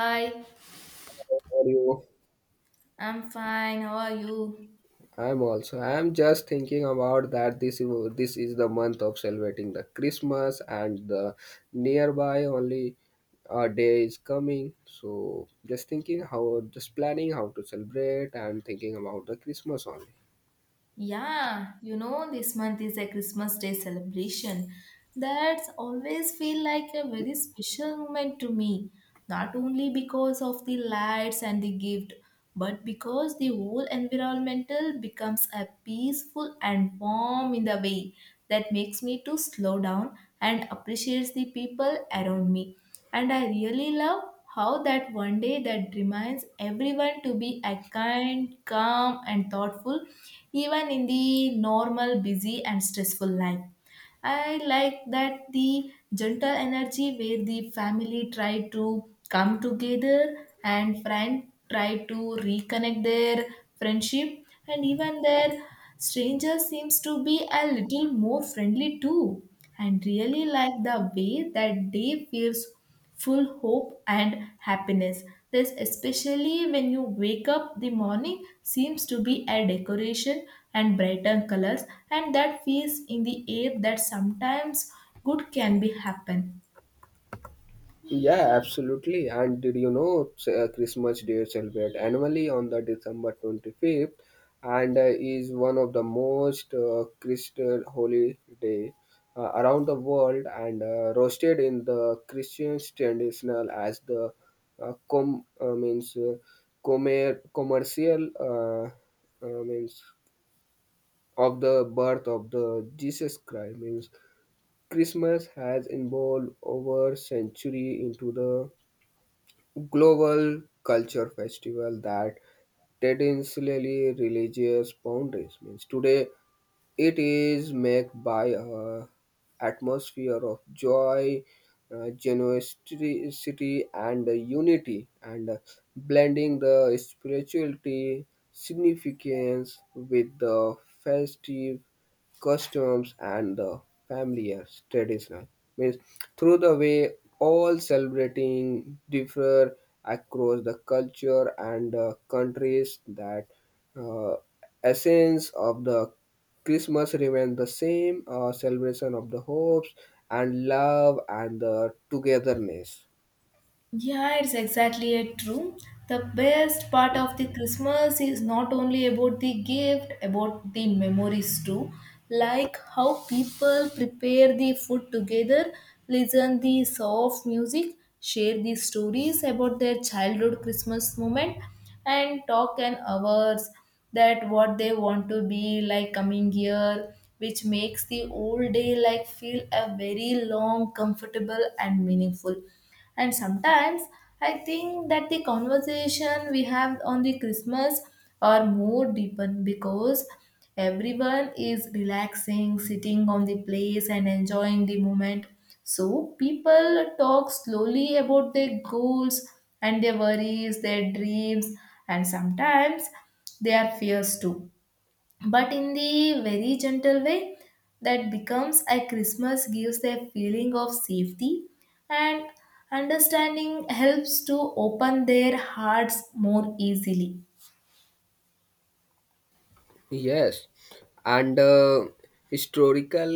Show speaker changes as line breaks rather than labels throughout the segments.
Hi,
How are you?
I'm fine. How are you?
I'm also. I'm just thinking about that. This is the month of celebrating the Christmas, and the nearby only a day is coming. So just thinking how, just planning how to celebrate, and thinking about the Christmas only.
Yeah, this month is a Christmas Day celebration. That's always feel like a very special moment to me. Not only because of the lights and the gift, but because the whole environmental becomes a peaceful and warm in the way that makes me to slow down and appreciates the people around me. And I really love how that one day that reminds everyone to be a kind, calm, and thoughtful, even in the normal, busy, and stressful life. I like that the gentle energy where the family try to come together and friend try to reconnect their friendship, and even their stranger seems to be a little more friendly too, and really like the way that day feels full hope and happiness. This, especially when you wake up the morning, seems to be a decoration and brighter colors, and that feels in the air that sometimes good can be happen.
Yeah, absolutely. And did you know Christmas Day celebrate annually on the December 25th and is one of the most Christian holiday around the world and roasted in the Christian traditional as the uh, com uh, means uh, commercial means of the birth of the Jesus Christ means Christmas has evolved over century into the global culture festival that traditionally religious boundaries means today it is made by a atmosphere of joy, generosity and unity, and blending the spirituality significance with the festive customs and the familiar traditional means through the way all celebrating differ across the culture and countries that uh, essence of the christmas remains the same, celebration of the hopes and love and the togetherness.
Yeah, it's exactly it, true. The best part of the Christmas is not only about the gift, about the memories too. Like how people prepare the food together, listen the soft music, share the stories about their childhood Christmas moment, and talk an hours that what they want to be like coming year, which makes the whole day like feel a very long, comfortable and meaningful. And sometimes I think that the conversation we have on the Christmas are more deepened because everyone is relaxing, sitting on the place and enjoying the moment. So people talk slowly about their goals and their worries, their dreams, and sometimes their fears too, but in the very gentle way that becomes a Christmas gives a feeling of safety, and understanding helps to open their hearts more easily.
Yes, and historical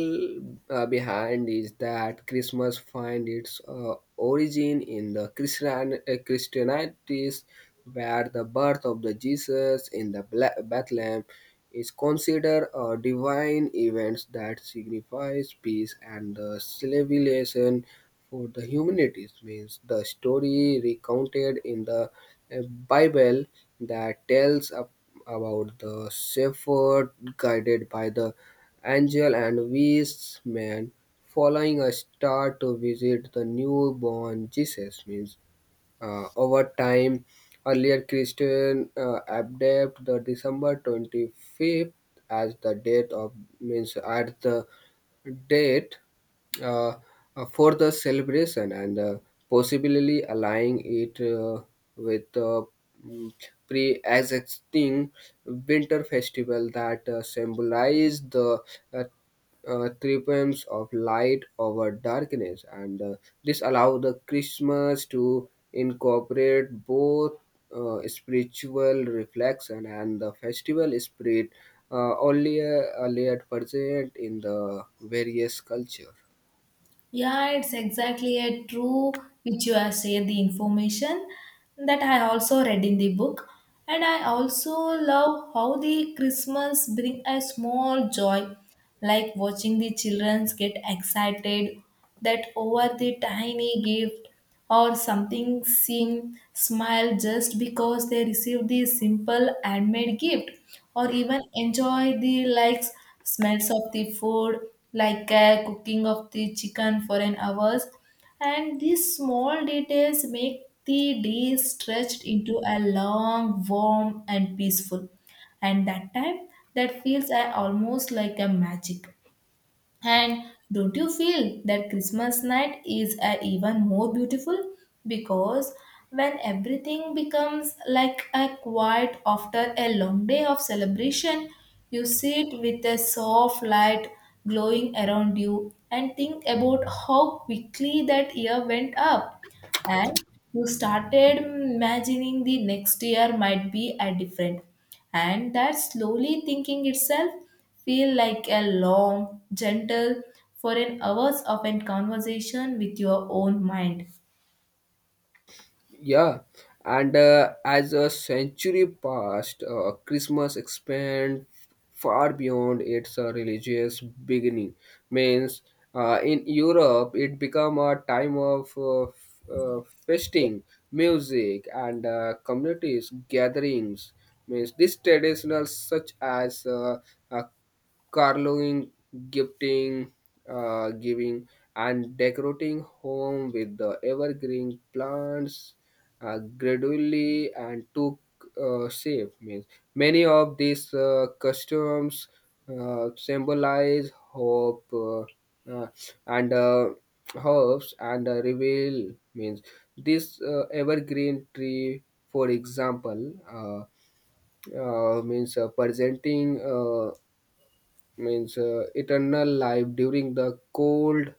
behind is that Christmas find its origin in the Christian Christianities, where the birth of the Jesus in the Bethlehem is considered a divine event that signifies peace and the civilization for the humanities. Means the story recounted in the uh, Bible that tells a about the shepherd guided by the angel and wise men following a star to visit the newborn Jesus. Means over time, earlier Christian abbreviated the December 25th as the date of means at the date uh, for the celebration and possibly aligning it with the mm, pre-existing winter festival that symbolize the uh, triumphs of light over darkness, and this allows the Christmas to incorporate both spiritual reflection and the festival spirit only earlier present in the various culture.
Yeah, it's exactly a true which you have said the information that I also read in the book. And I also love how the Christmas bring a small joy, like watching the children get excited that over the tiny gift, or something seem smile just because they receive the simple handmade gift, or even enjoy the likes smells of the food, like cooking of the chicken for an hours. And these small details make the day stretched into a long warm and peaceful, and that time that feels almost like a magic. And don't you feel that Christmas night is even more beautiful? Because when everything becomes like a quiet after a long day of celebration, you sit with a soft light glowing around you and think about how quickly that year went up, and you started imagining the next year might be a different, and that slowly thinking itself feel like a long gentle for an hours of a conversation with your own mind.
Yeah, and as a century passed, Christmas expand far beyond its religious beginning. Means, in Europe, it became a time of feasting, music, and communities gatherings. Means, these traditionals such as uh, carving, gifting, giving, and decorating home with the evergreen plants gradually and took shape. Means many of these customs symbolize hope, uh, and hopes and reveal means this evergreen tree, for example. Means presenting. Means eternal life during the cold,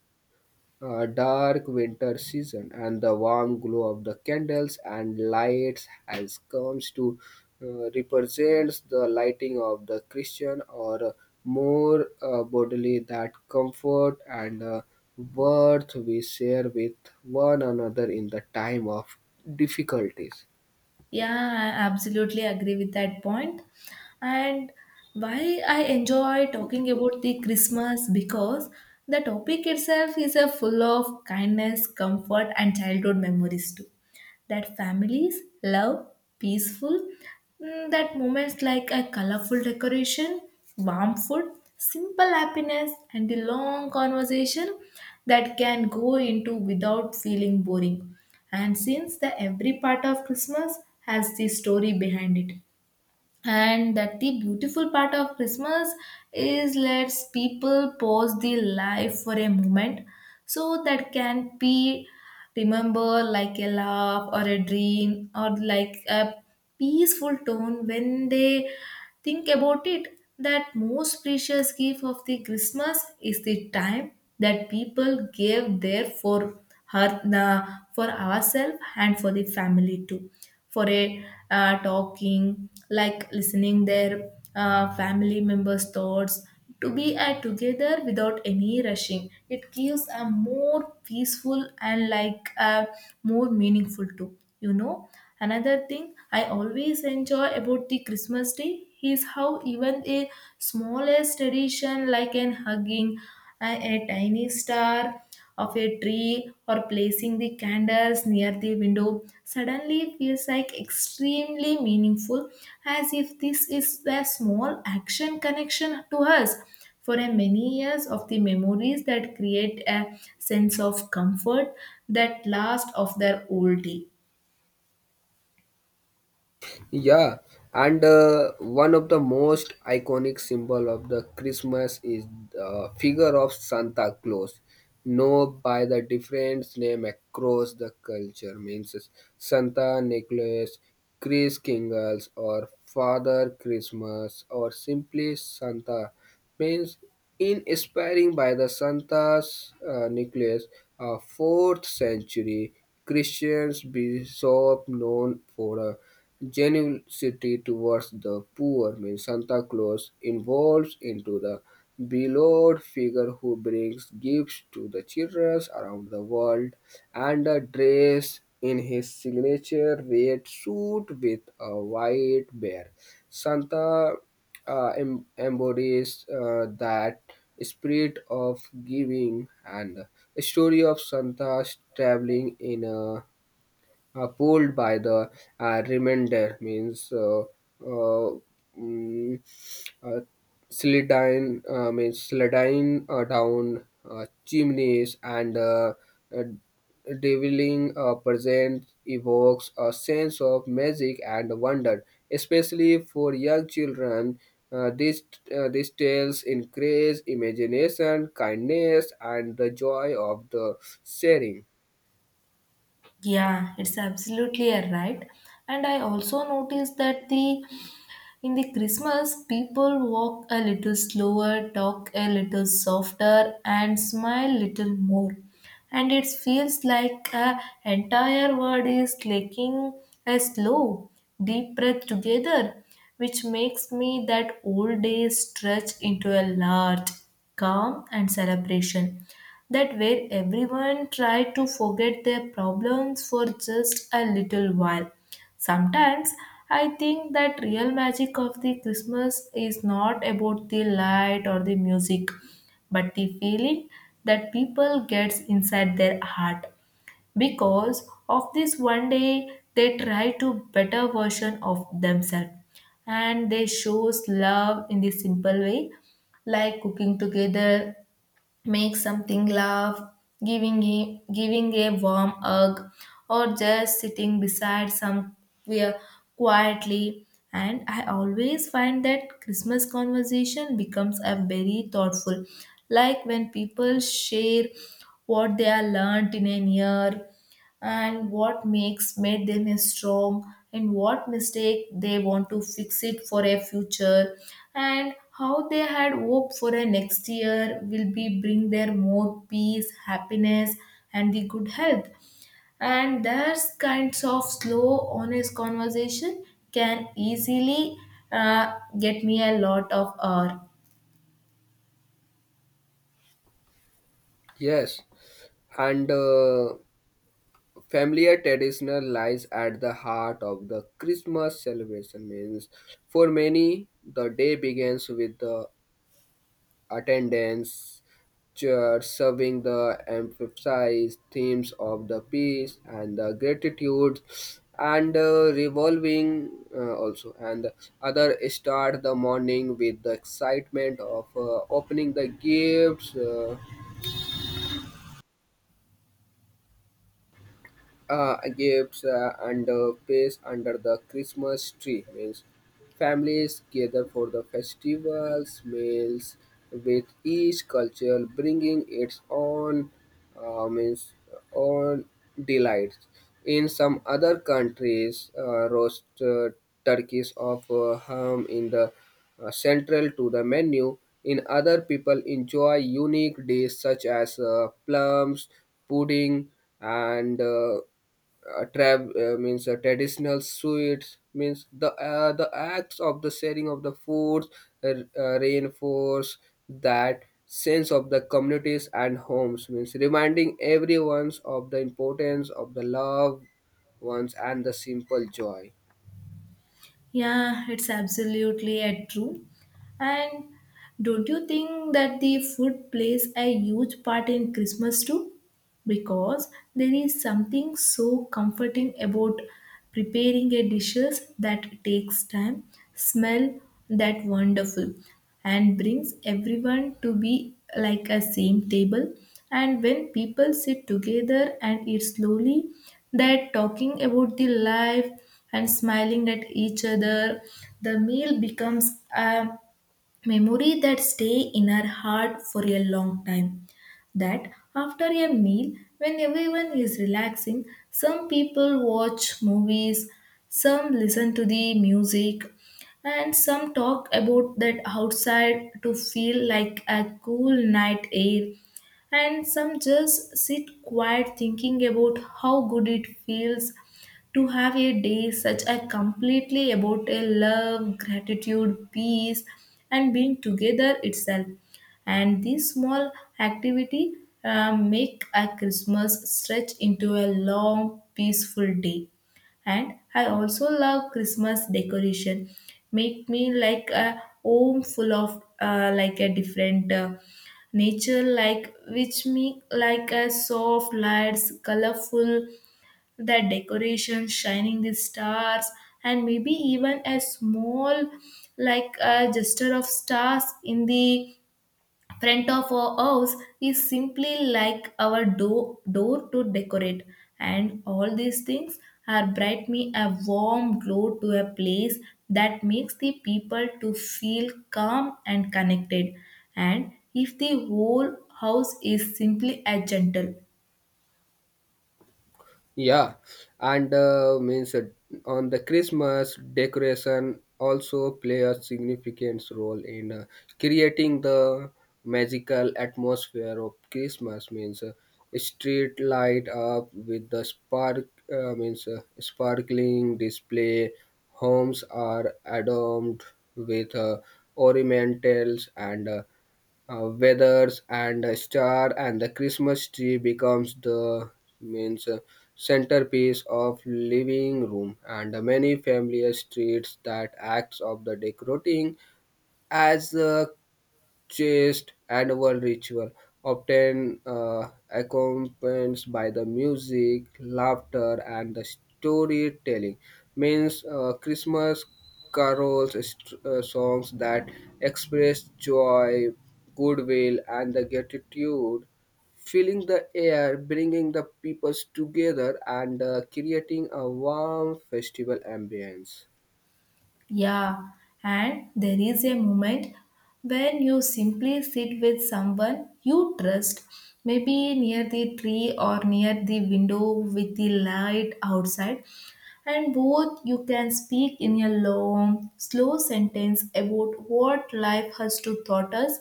dark winter season, and the warm glow of the candles and lights has comes to represents the lighting of the Christian or more bodily that comfort and worth we share with one another in the time of difficulties.
Yeah, I absolutely agree with that point. And why I enjoy talking about the Christmas, because the topic itself is a full of kindness comfort and childhood memories too that families love peaceful, that moments like a colorful decoration, warm food, simple happiness, and the long conversation that can go into without feeling boring. And since the every part of Christmas has the story behind it, and that the beautiful part of Christmas is lets people pause the life for a moment, so that can be remember like a laugh or a dream or like a peaceful tone when they think about it, that most precious gift of the Christmas is the time that people gave there for her, for ourselves and for the family too, for a talking like listening their family members thoughts, to be together without any rushing, it gives a more peaceful and like a more meaningful too. Another thing I always enjoy about the Christmas day is how even a smallest tradition like an hugging a tiny star of a tree or placing the candles near the window suddenly feels like extremely meaningful, as if this is the small action connection to us for a many years of the memories that create a sense of comfort that last of their old day.
Yeah, and one of the most iconic symbol of the Christmas is the figure of Santa Claus, known by the different name across the culture. Means is Santa Nicholas, Chris Kingles, or Father Christmas, or simply Santa. Means in inspiring by the Santa's Nicholas, a 4th century Christian bishop known for a generosity towards the poor, means Santa Claus involves into the beloved figure who brings gifts to the children around the world and a dress in his signature red suit with a white bear. Santa embodies that spirit of giving, and the story of Santa traveling in a pulled by the remainder means uh, mm, uh, sliding down chimneys and uh, Deviling present evokes a sense of magic and wonder, especially for young children. Uh, these, these tales encourage imagination, kindness, and the joy of the sharing.
Yeah, it's absolutely a right. And I also noticed that the in the Christmas, people walk a little slower, talk a little softer, and smile little more. And it feels like a entire world is taking a slow, deep breath together, which makes me that old day stretch into a large calm and celebration. That where everyone try to forget their problems for just a little while. Sometimes I think that real magic of the Christmas is not about the light or the music, but the feeling that people gets inside their heart. Because of this one day they try to better version of themselves, and they shows love in the simple way, like cooking together, make something laugh, giving a warm hug, or just sitting beside somewhere quietly. And I always find that Christmas conversation becomes a very thoughtful, like when people share what they have learned in a year, and what makes made them as strong, and what mistake they want to fix it for a future, and how they had hope for a next year will be bring their more peace happiness and the good health. And those kinds of slow honest conversation can easily get me a lot of hour.
Yes, and familiar traditional lies at the heart of the Christmas celebration. Means for many, the day begins with the attendance church serving the emphasized themes of the peace and the gratitude and revolving also, and other start the morning with the excitement of opening the gifts, and place under the Christmas tree means families gather for the festivals, meals, with each culture bringing its own means own delights. In some other countries, roast turkeys of ham in the central to the menu. In other, people enjoy unique dishes such as plums, pudding, and tra- means traditional sweets means the acts of the sharing of the foods reinforce that sense of the communities and homes means reminding everyone of the importance of the love ones and the simple joy.
Yeah, it's absolutely true. And don't you think that the food plays a huge part in Christmas too? Because there is something so comforting about preparing a dishes that takes time, smell that wonderful, and brings everyone to be like a same table. And when people sit together and eat slowly, they're talking about the life and smiling at each other, the meal becomes a memory that stay in our heart for a long time. That after a meal, when everyone is relaxing, some people watch movies, some listen to the music, and some talk about that outside to feel like a cool night air, and some just sit quiet thinking about how good it feels to have a day such a completely about a love, gratitude, peace, and being together itself. And this small activity make a Christmas stretch into a long, peaceful day. And I also love Christmas decoration, make me like a home full of like a different nature, like which me like a soft lights colorful, the decorations shining the stars, and maybe even a small like a gesture of stars in the front of our house, is simply like our door to decorate. And all these things are bright me a warm glow to a place that makes the people to feel calm and connected, and if the whole house is simply a gentle.
Yeah, and means on the Christmas decoration also play a significant role in creating the magical atmosphere of Christmas. Means street light up with the sparkling display. Homes are adorned with ornamentals and weathers and a star, and the christmas tree becomes the means centerpiece of living room, and many familiar treats that acts of the decorating as chaste annual ritual, often accompanied by the music, laughter, and the storytelling. Means Christmas carols, songs that express joy, goodwill, and the gratitude, filling the air, bringing the peoples together, and creating a warm festival ambience.
Yeah, and there is a moment when you simply sit with someone you trust, maybe near the tree or near the window with the light outside, and both you can speak in a long, slow sentence about what life has to taught us,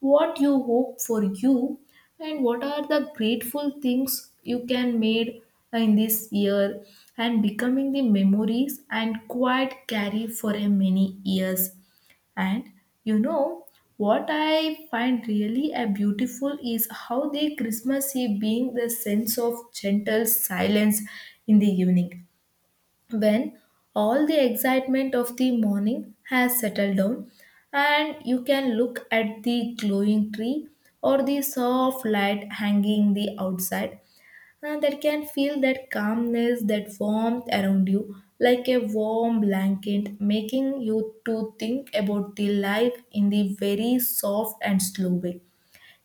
what you hope for you, and what are the grateful things you can made in this year, and becoming the memories and quite carry for a many years. And you know what I find really a beautiful is how the Christmas eve being the sense of gentle silence in the evening, when all the excitement of the morning has settled down, and you can look at the glowing tree or the soft light hanging the outside, and that can feel that calmness that warmth around you, like a warm blanket making you to think about the life in the very soft and slow way.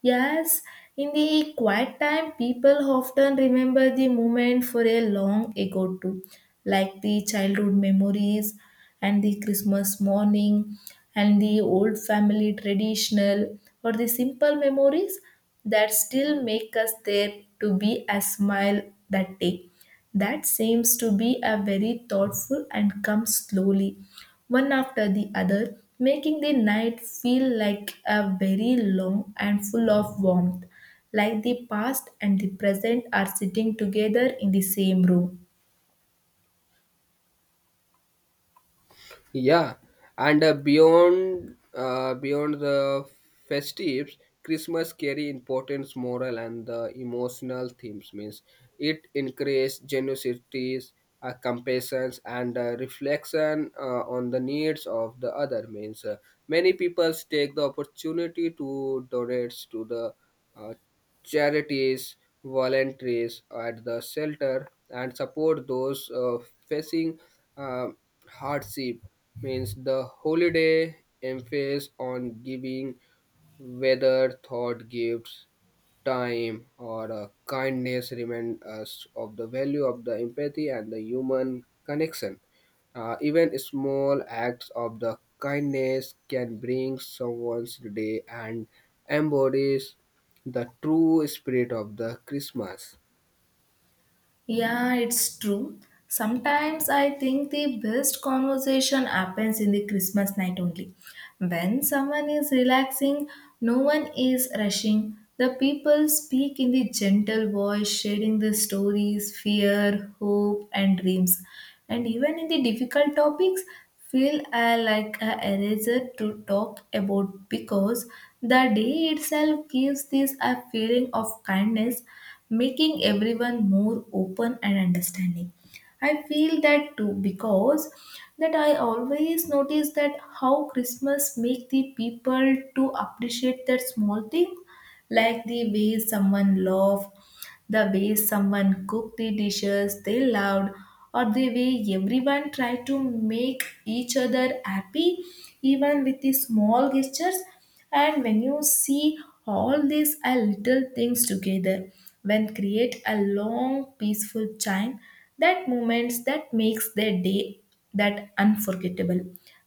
Yes, in the quiet time, people often remember the moment for a long ago too, like the childhood memories and the Christmas morning and the old family traditional or the simple memories that still make us there to be a smile that day. That seems to be a very thoughtful and comes slowly, one after the other, making the night feel like a very long and full of warmth, like the past and the present are sitting together in the same room.
Yeah, and beyond the festives, Christmas carry importance moral and the emotional themes. Means it encourages generosities, compassion, and reflection on the needs of the other. Means many people take the opportunity to donate to the uh, charities, volunteers at the shelter, and support those facing uh, hardship. Means the holiday emphasis on giving, whether thought gifts, time, or kindness, remind us of the value of the empathy and the human connection. Even small acts of the kindness can bring someone's day and embodies the true spirit of the christmas.
Yeah, it's true. Sometimes I think the best conversation happens in the Christmas night only. When someone is relaxing, no one is rushing. The people speak in the gentle voice, sharing their stories, fear, hope, and dreams. And even in the difficult topics, feel like a eraser to talk about, because the day itself gives this a feeling of kindness, making everyone more open and understanding. I feel that too, because that I always notice that how Christmas make the people to appreciate that small thing, like the way someone laughed, the way someone cooked the dishes they loved, or the way everyone tried to make each other happy, even with the small gestures. And when you see all these little things together, when create a long peaceful chime, that moments that makes their day that unforgettable.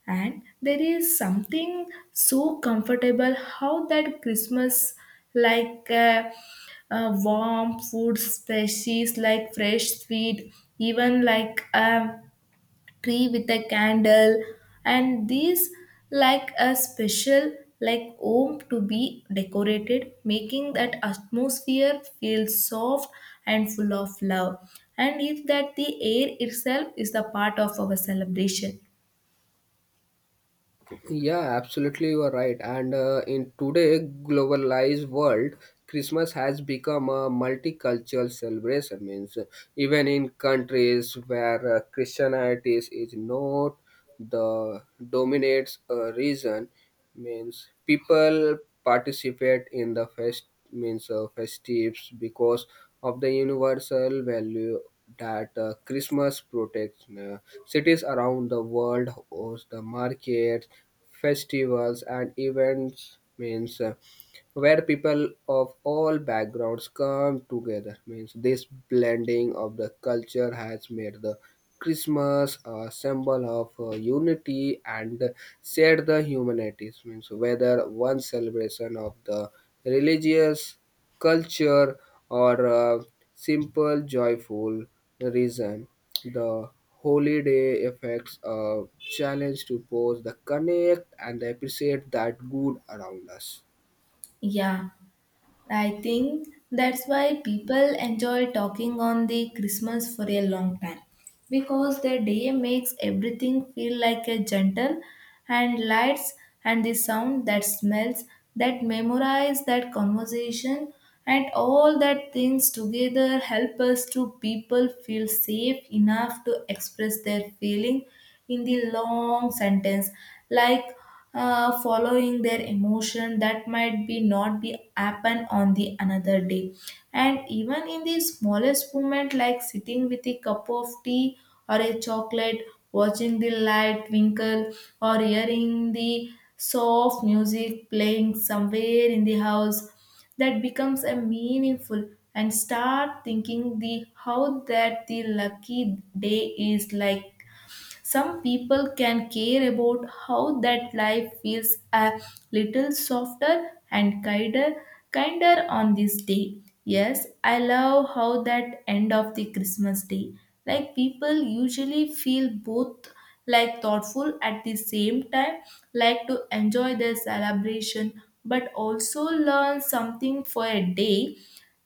And there is something so comfortable how that christmas like uh, warm food species like fresh sweet, even like a tree with a candle, and these like a special, like home to be decorated, making that atmosphere feel soft and full of love, and if that the air itself is the part of our celebration.
Yeah, absolutely, you are right. And in today globalized world, christmas has become a multicultural celebration means even in countries where christianity is not the dominates region means people participate in the fest means festives because of the universal value that christmas protects cities around the world host the markets, festivals and events means where people of all backgrounds come together means this blending of the culture has made the christmas a symbol of unity and shared the humanities means whether one celebration of the religious culture or simple joyful reason, the holiday affects a challenge to both the connect and appreciate that good around us.
Yeah, I think that's why people enjoy talking on the Christmas for a long time, because the day makes everything feel like a gentle, and lights and the sound that smells, that memorize that conversation, and all that things together help us to people feel safe enough to express their feeling in the long sentence, like following their emotion that might be not be happen on the another day. And even in the smallest moment, like sitting with a cup of tea or a chocolate, watching the light twinkle, or hearing the soft music playing somewhere in the house, that becomes a meaningful, and start thinking the how that the lucky day is like. Some people can care about how that life feels a little softer and kinder, kinder on this day. Yes, I love how that end of the Christmas day. Like people usually feel both like thoughtful at the same time, like to enjoy the celebration, but also learn something for a day,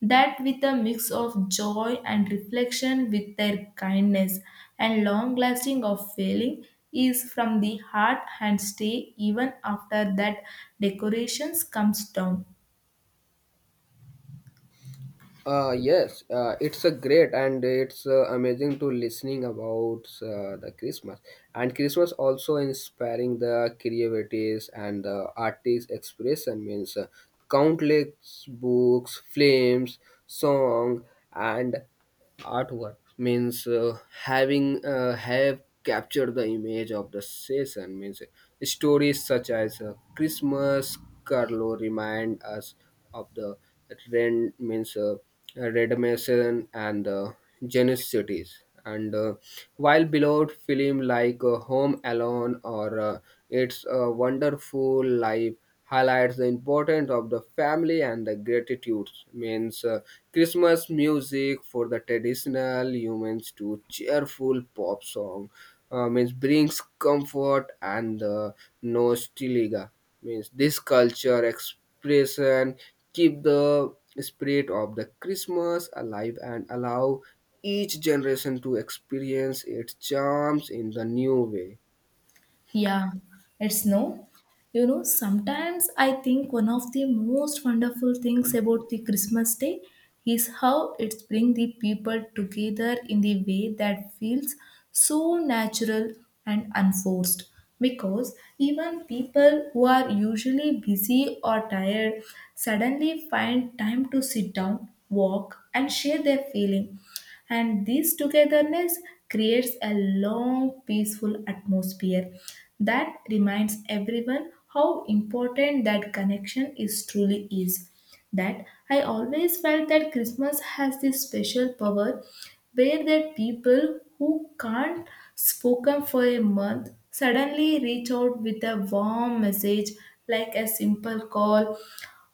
that with a mix of joy and reflection with their kindness, and long lasting of feeling is from the heart and stay even after that decorations comes down.
Yes, it's a great and it's amazing to listening about the Christmas, and christmas also inspiring the creativities and the artist expression means countless books, films, song, and artwork means having have captured the image of the season means stories such as christmas carlo remind us of the ren means redemption and the Genus cities. And while beloved film like Home Alone or It's a Wonderful Life highlights the importance of the family and the gratitudes means Christmas music for the traditional humans to cheerful pop song means brings comfort and nostalgia means this culture expression keep the spirit of the christmas alive and allow each generation to experience its charms in the new way.
Yeah, it's no. You know, sometimes I think one of the most wonderful things about the Christmas day is how it brings the people together in the way that feels so natural and unforced. Because even people who are usually busy or tired suddenly find time to sit down, walk, and share their feeling, and this togetherness creates a long peaceful atmosphere that reminds everyone how important that connection is truly is. That I always felt that christmas has this special power where that people who can't spoken for a month suddenly reach out with a warm message, like a simple call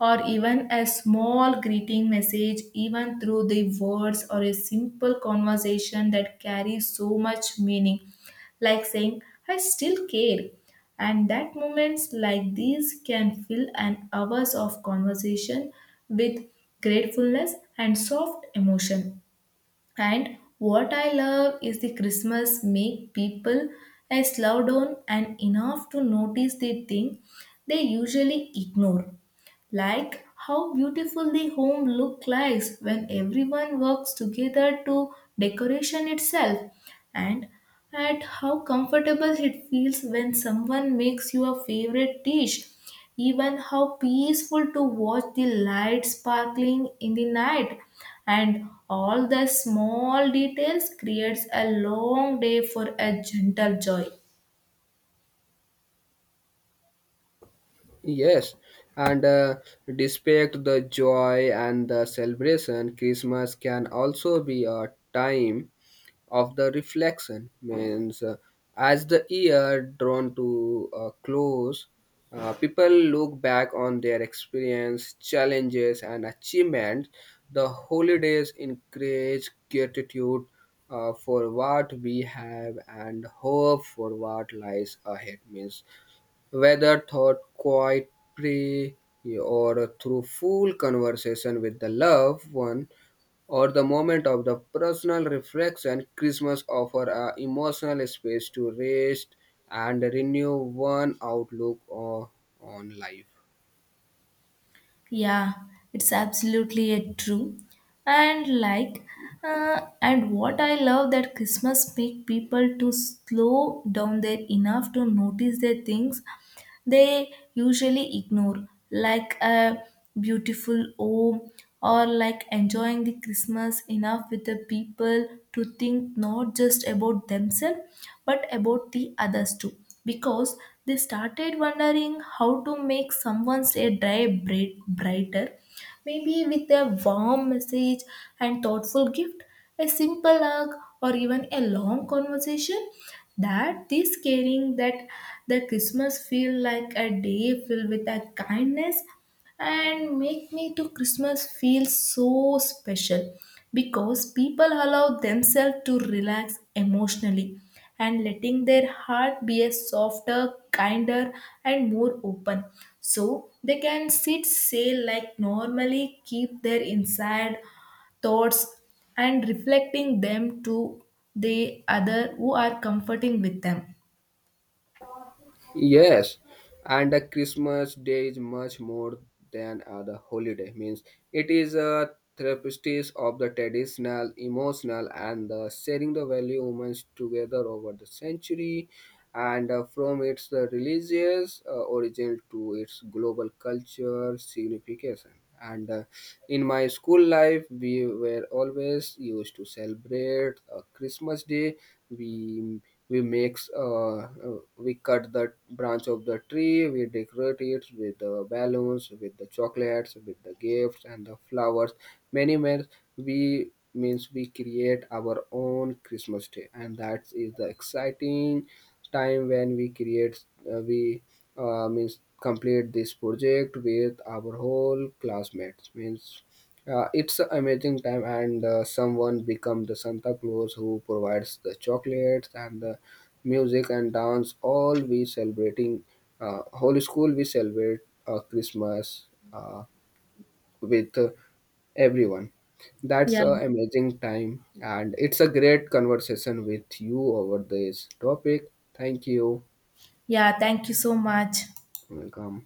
or even a small greeting message, even through the words or a simple conversation that carries so much meaning, like saying, I still care. And that moments like these can fill an hours of conversation with gratefulness and soft emotion. And what I love is the Christmas make people a slow down and enough to notice the thing they usually ignore, like how beautiful the home look like when everyone works together to decoration itself, and at how comfortable it feels when someone makes your favorite dish, even how peaceful to watch the lights sparkling in the night, and all the small details creates a long day for a gentle joy.
Yes, and despite the joy and the celebration, Christmas can also be a time of the reflection. Means, as the year drawn to a close, people look back on their experience, challenges, and achievements. The holidays encourage gratitude for what we have and hope for what lies ahead. Means whether thought quietly or through full conversation with the loved one, or the moment of the personal reflection, Christmas offers a emotional space to rest and renew one on life.
Yeah, it's absolutely a true. And like, and what I love that Christmas make people to slow down there enough to notice their things they usually ignore, like a beautiful home, or like enjoying the Christmas enough with the people to think not just about themselves but about the others too. Because they started wondering how to make someone's a day bright- brighter, maybe with a warm message and thoughtful gift, a simple hug, or even a long conversation. That this caring that the Christmas feel like a day filled with a kindness, and make me to christmas feel so special because people allow themselves to relax emotionally, and letting their heart be a softer kinder and more open, so they can sit sail like normally keep their inside thoughts and reflecting them to the other who are comforting with them.
Yes, and the Christmas day is much more than other holiday. Means it is a therapeutic of the traditional, emotional, and the sharing the value humans together over the century, and from its religious origin to its global culture signification. And in my school life, we were always used to celebrate Christmas Day. We we makes we cut the branch of the tree. We decorate it with the balloons, with the chocolates, with the gifts and the flowers. Many men we means we create our own Christmas Day, and that is the exciting time when we create we means complete this project with our whole classmates means it's an amazing time, and someone become the santa claus who provides the chocolates and the music and dance all we celebrating whole school we celebrate christmas uh, with everyone. That's
Yeah.
a amazing time, and it's a great conversation with you over this topic. Thank you.
Yeah, thank you so much.
Welcome.